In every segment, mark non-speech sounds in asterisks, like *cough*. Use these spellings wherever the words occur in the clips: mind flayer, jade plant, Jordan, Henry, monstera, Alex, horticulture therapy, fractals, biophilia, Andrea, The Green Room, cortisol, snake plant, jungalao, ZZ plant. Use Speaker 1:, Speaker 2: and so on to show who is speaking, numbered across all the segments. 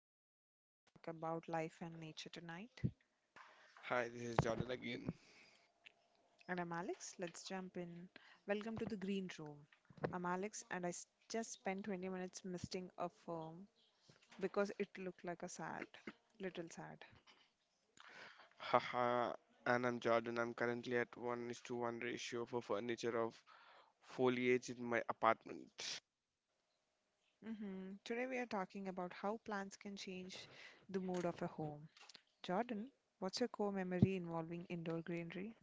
Speaker 1: the show where we talk about life and nature tonight.
Speaker 2: Hi, this is Jordan again.
Speaker 1: And I'm Alex. Let's jump in. Welcome to the green room. I'm Alex, and just spent 20 minutes misting a firm because it looked like a little sad.
Speaker 2: Haha, and I'm Jordan. I'm currently at 1 is to 1 ratio for furniture of foliage in my apartment.
Speaker 1: Hmm. Today we are talking about how plants can change the mood of a home. Jordan, what's your core memory involving indoor greenery?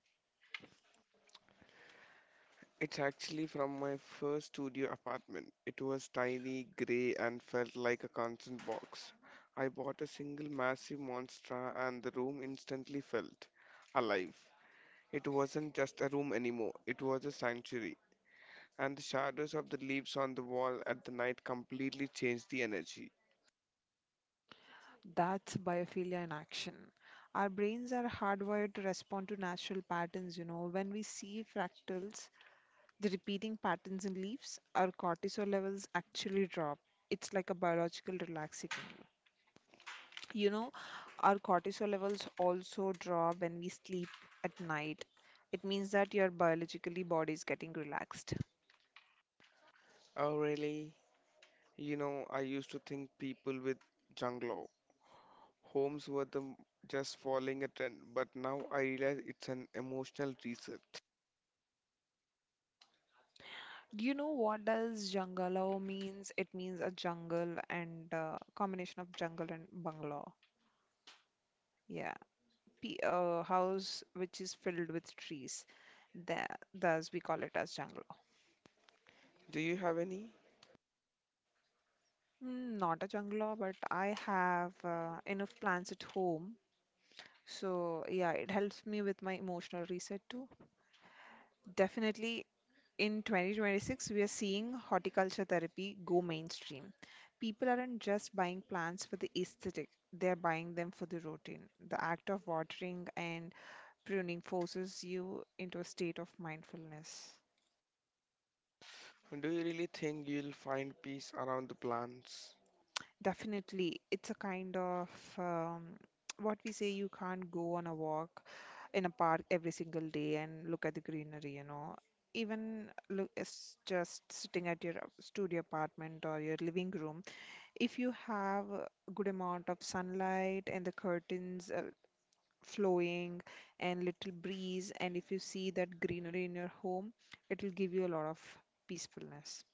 Speaker 2: It's actually from my first studio apartment. It was tiny, grey, and felt like a constant box. I bought a single massive monster, and the room instantly felt alive. It wasn't just a room anymore, it was a sanctuary. And the shadows of the leaves on the wall at the night completely changed the energy.
Speaker 1: That's biophilia in action. Our brains are hardwired to respond to natural patterns, you know. When we see fractals, the repeating patterns in leaves, our cortisol levels actually drop. It's like a biological relaxing. You know, our cortisol levels also drop when we sleep at night. It means that your biologically body is getting relaxed.
Speaker 2: Oh, really? You know, I used to think people with junglo homes were just following a trend, but now I realize it's an emotional reset.
Speaker 1: Do you know what does jungalao means? It means a jungle and combination of jungle and bungalow. Yeah. House which is filled with trees. Thus, we call it as jungle law.
Speaker 2: Do you have any?
Speaker 1: Mm, not a jungle law, but I have enough plants at home. So, yeah, it helps me with my emotional reset too. Definitely, in 2026, we are seeing horticulture therapy go mainstream. People aren't just buying plants for the aesthetic, they're buying them for the routine. The act of watering and pruning forces you into a state of mindfulness.
Speaker 2: Do you really think you'll find peace around the plants?
Speaker 1: Definitely. It's a kind of um, *tsk* what we say, you can't go on a walk in a park every single day and look at the greenery, you know. Even look, it's just sitting at your studio apartment or your living room. If you have a good amount of sunlight and the curtains flowing and little breeze, and if you see that greenery in your home, it will give you a lot of peacefulness.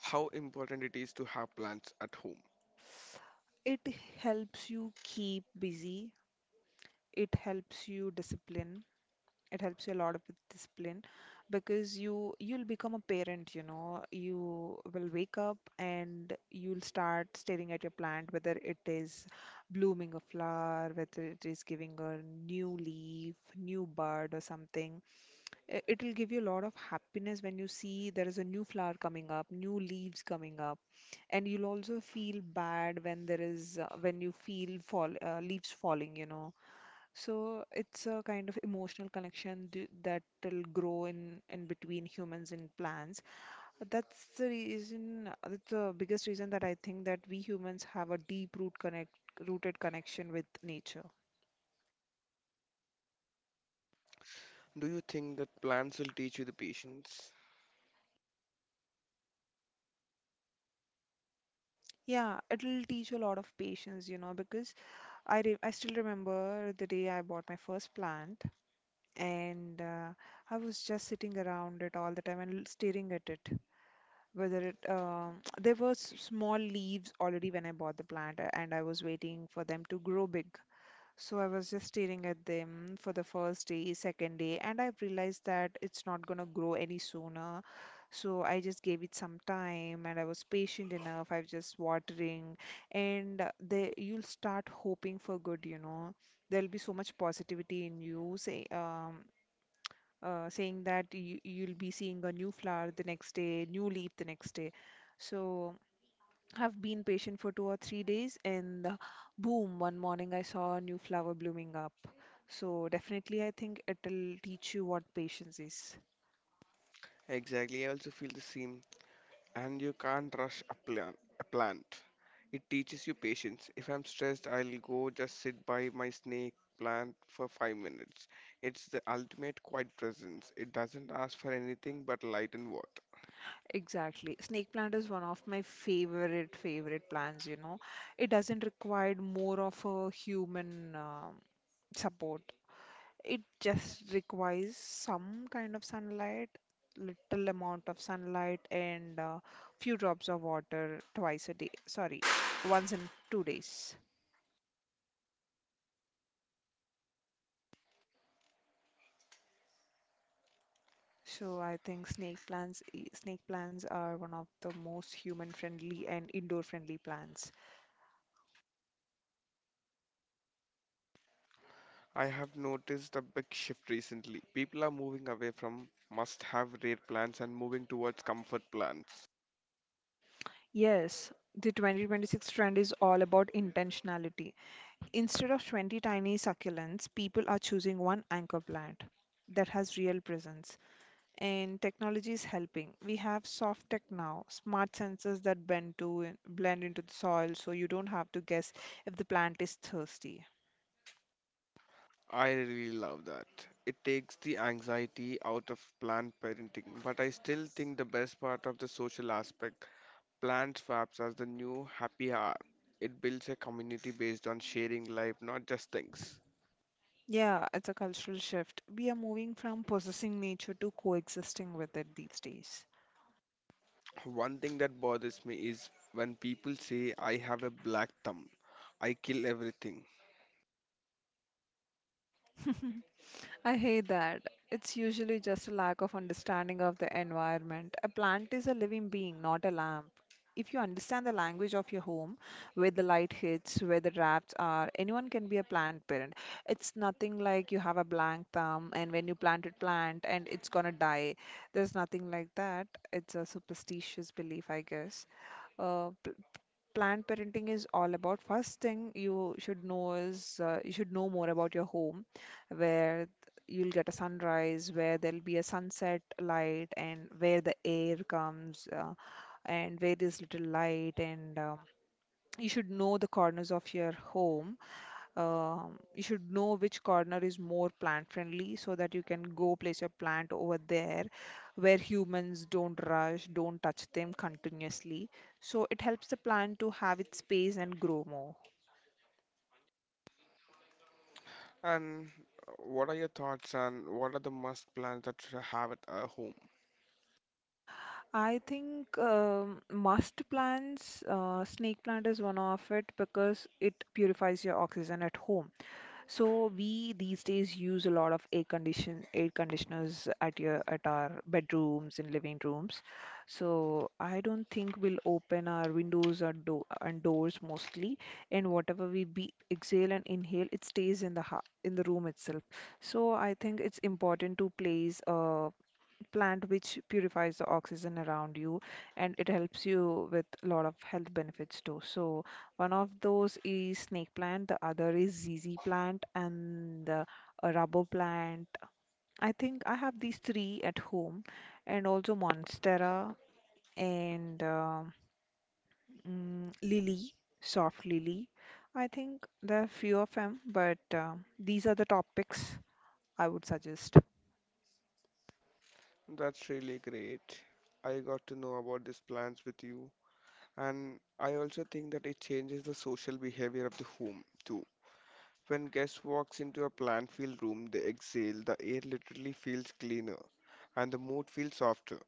Speaker 2: How important it is to have plants at home?
Speaker 1: It helps you keep busy, it helps you discipline, it helps you a lot with discipline, because you'll become a parent, you know. You will wake up and you'll start staring at your plant, whether it is blooming a flower, whether it is giving a new leaf, new bud or something. It'll give you a lot of happiness when you see there is a new flower coming up, new leaves coming up, and you'll also feel bad when there is when you feel fall leaves falling, you know. So it's a kind of emotional connection that will grow in between humans and plants. That's the reason, that's the biggest reason that I think that we humans have a deep root connect rooted connection with nature.
Speaker 2: Do you think that plants will teach you the patience?
Speaker 1: Yeah, it'll teach you a lot of patience, you know, because I still remember the day I bought my first plant. And I was just sitting around it all the time and staring at it. Whether it *tsk* there were small leaves already when I bought the plant, and I was waiting for them to grow big. So I was just staring at them for the first day, second day, and I realized that it's not gonna grow any sooner. So I just gave it some time, and I was patient enough. I was just watering, and they, you'll start hoping for good, you know. There'll be so much positivity in you, saying that you'll be seeing a new flower the next day, new leaf the next day. So have been patient for 2 or 3 days, and boom, one morning I saw a new flower blooming up. So definitely, I think it'll teach you what patience is.
Speaker 2: Exactly, I also feel the same. And you can't rush a plant. It teaches you patience. If I'm stressed, I'll go just sit by my snake plant for 5 minutes. It's the ultimate quiet presence. It doesn't ask for anything but light and water.
Speaker 1: Exactly. Snake plant is one of my favorite plants, you know. It doesn't require more of a human support. It just requires some kind of sunlight, little amount of sunlight, and few drops of water twice a day. Sorry, once in 2 days. So I think snake plants are one of the most human-friendly and indoor-friendly plants.
Speaker 2: I have noticed a big shift recently. People are moving away from must have rare plants and moving towards comfort plants.
Speaker 1: Yes, the 2026 trend is all about intentionality. Instead of 20 tiny succulents, people are choosing one anchor plant that has real presence. And technology is helping. We have soft tech now, smart sensors that blend into the soil, so you don't have to guess if the plant is thirsty.
Speaker 2: I really love that. It takes the anxiety out of planned parenting, but I still think the best part of the social aspect, planned swaps as the new happy hour. It builds a community based on sharing life, not just things.
Speaker 1: Yeah, it's a cultural shift. We are moving from possessing nature to coexisting with it these days.
Speaker 2: One thing that bothers me is when people say, I have a black thumb, I kill everything.
Speaker 1: *laughs* I hate that. It's usually just a lack of understanding of the environment. A plant is a living being, not a lamp. If you understand the language of your home, where the light hits, where the drafts are, anyone can be a plant parent. It's nothing like you have a blank thumb, and when you plant and it's gonna die. There's nothing like that. It's a superstitious belief, I guess. Uh, Planned parenting is all about. First thing you should know is, you should know more about your home, where you'll get a sunrise, where there'll be a sunset light, and where the air comes, and where there's little light, and you should know the corners of your home. You should know which corner is more plant friendly so that you can go place your plant over there, where humans don't rush, don't touch them continuously. So it helps the plant to have its space and grow more.
Speaker 2: And what are your thoughts, and what are the must plans that should have at our home?
Speaker 1: I think must plants, snake plant is one of it, because it purifies your oxygen at home. So we these days use a lot of air conditioners at your at our bedrooms and living rooms. So I don't think we'll open our windows or do and doors mostly. And whatever we be exhale and inhale, it stays in the ha in the room itself. So I think it's important to place a plant which purifies the oxygen around you, and it helps you with a lot of health benefits too. So one of those is snake plant, the other is ZZ plant and the rubber plant. I think I have these three at home, and also monstera, and lily, soft lily. I think there are few of them, but these are the topics I would suggest.
Speaker 2: That's really great. I got to know about these plans with you. And I also think that it changes the social behavior of the home too. When guest walks into a plant-filled room, they exhale, the air literally feels cleaner and the mood feels softer.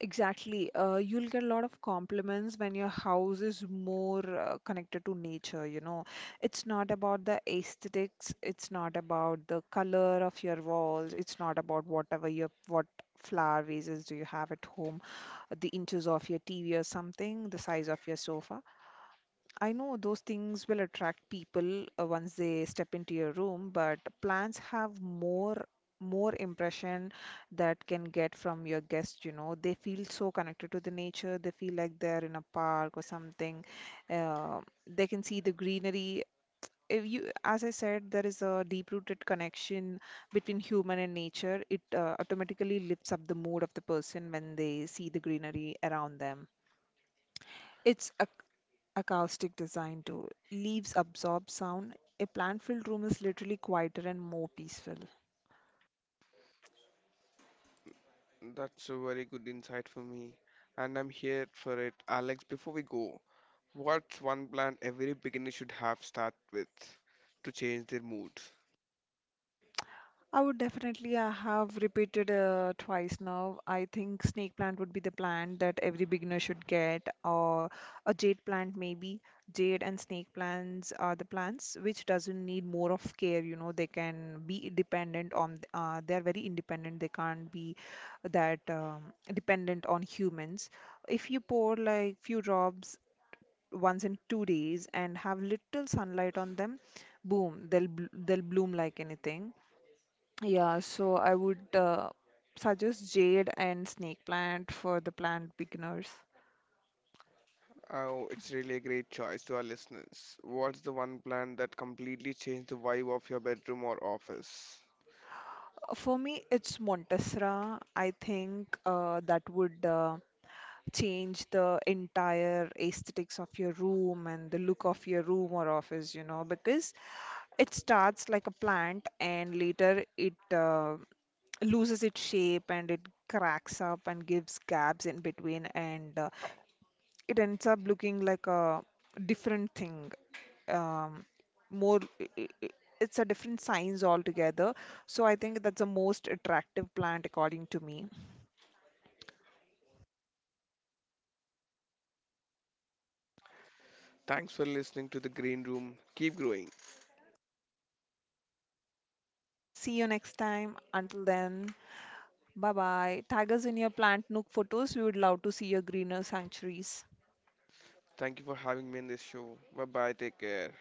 Speaker 1: Exactly. You'll get a lot of compliments when your house is more connected to nature, you know. It's not about the aesthetics, it's not about the color of your walls, it's not about whatever your what flower vases do you have at home, the inches of your TV or something, the size of your sofa. I know those things will attract people once they step into your room, but plants have more impression that can get from your guest, you know. They feel so connected to the nature. They feel like they're in a park or something. Uh, they can see the greenery. If you, as I said, there is a deep-rooted connection between human and nature. It automatically lifts up the mood of the person when they see the greenery around them. It's a acoustic design too. Leaves absorb sound. A plant-filled room is literally quieter and more peaceful.
Speaker 2: That's a very good insight for me, and I'm here for it. Alex, before we go, what's one plant every beginner should have start with to change their mood?
Speaker 1: I would definitely I have repeated twice now. I think snake plant would be the plant that every beginner should get, or a jade plant maybe. Jade and snake plants are the plants which doesn't need more of care. You know, they can be dependent on. They are very independent. They can't be that dependent on humans. If you pour like few drops once in 2 days and have little sunlight on them, boom, they'll bloom like anything. Yeah, so I would suggest jade and snake plant for the plant beginners.
Speaker 2: Oh, it's really a great choice to our listeners. What's the one plant that completely changed the vibe of your bedroom or office?
Speaker 1: For me, it's Montessera. I think that would change the entire aesthetics of your room and the look of your room or office, you know, because it starts like a plant, and later it loses its shape and it cracks up and gives gaps in between, and it ends up looking like a different thing. Um, more I- It's a different science altogether. So I think that's the most attractive plant according to me.
Speaker 2: Thanks for listening to The Green Room. Keep growing.
Speaker 1: See you next time. Until then, bye bye. Tag us in your plant nook photos. We would love to see your greener sanctuaries.
Speaker 2: Thank you for having me on this show. Bye bye. Take care.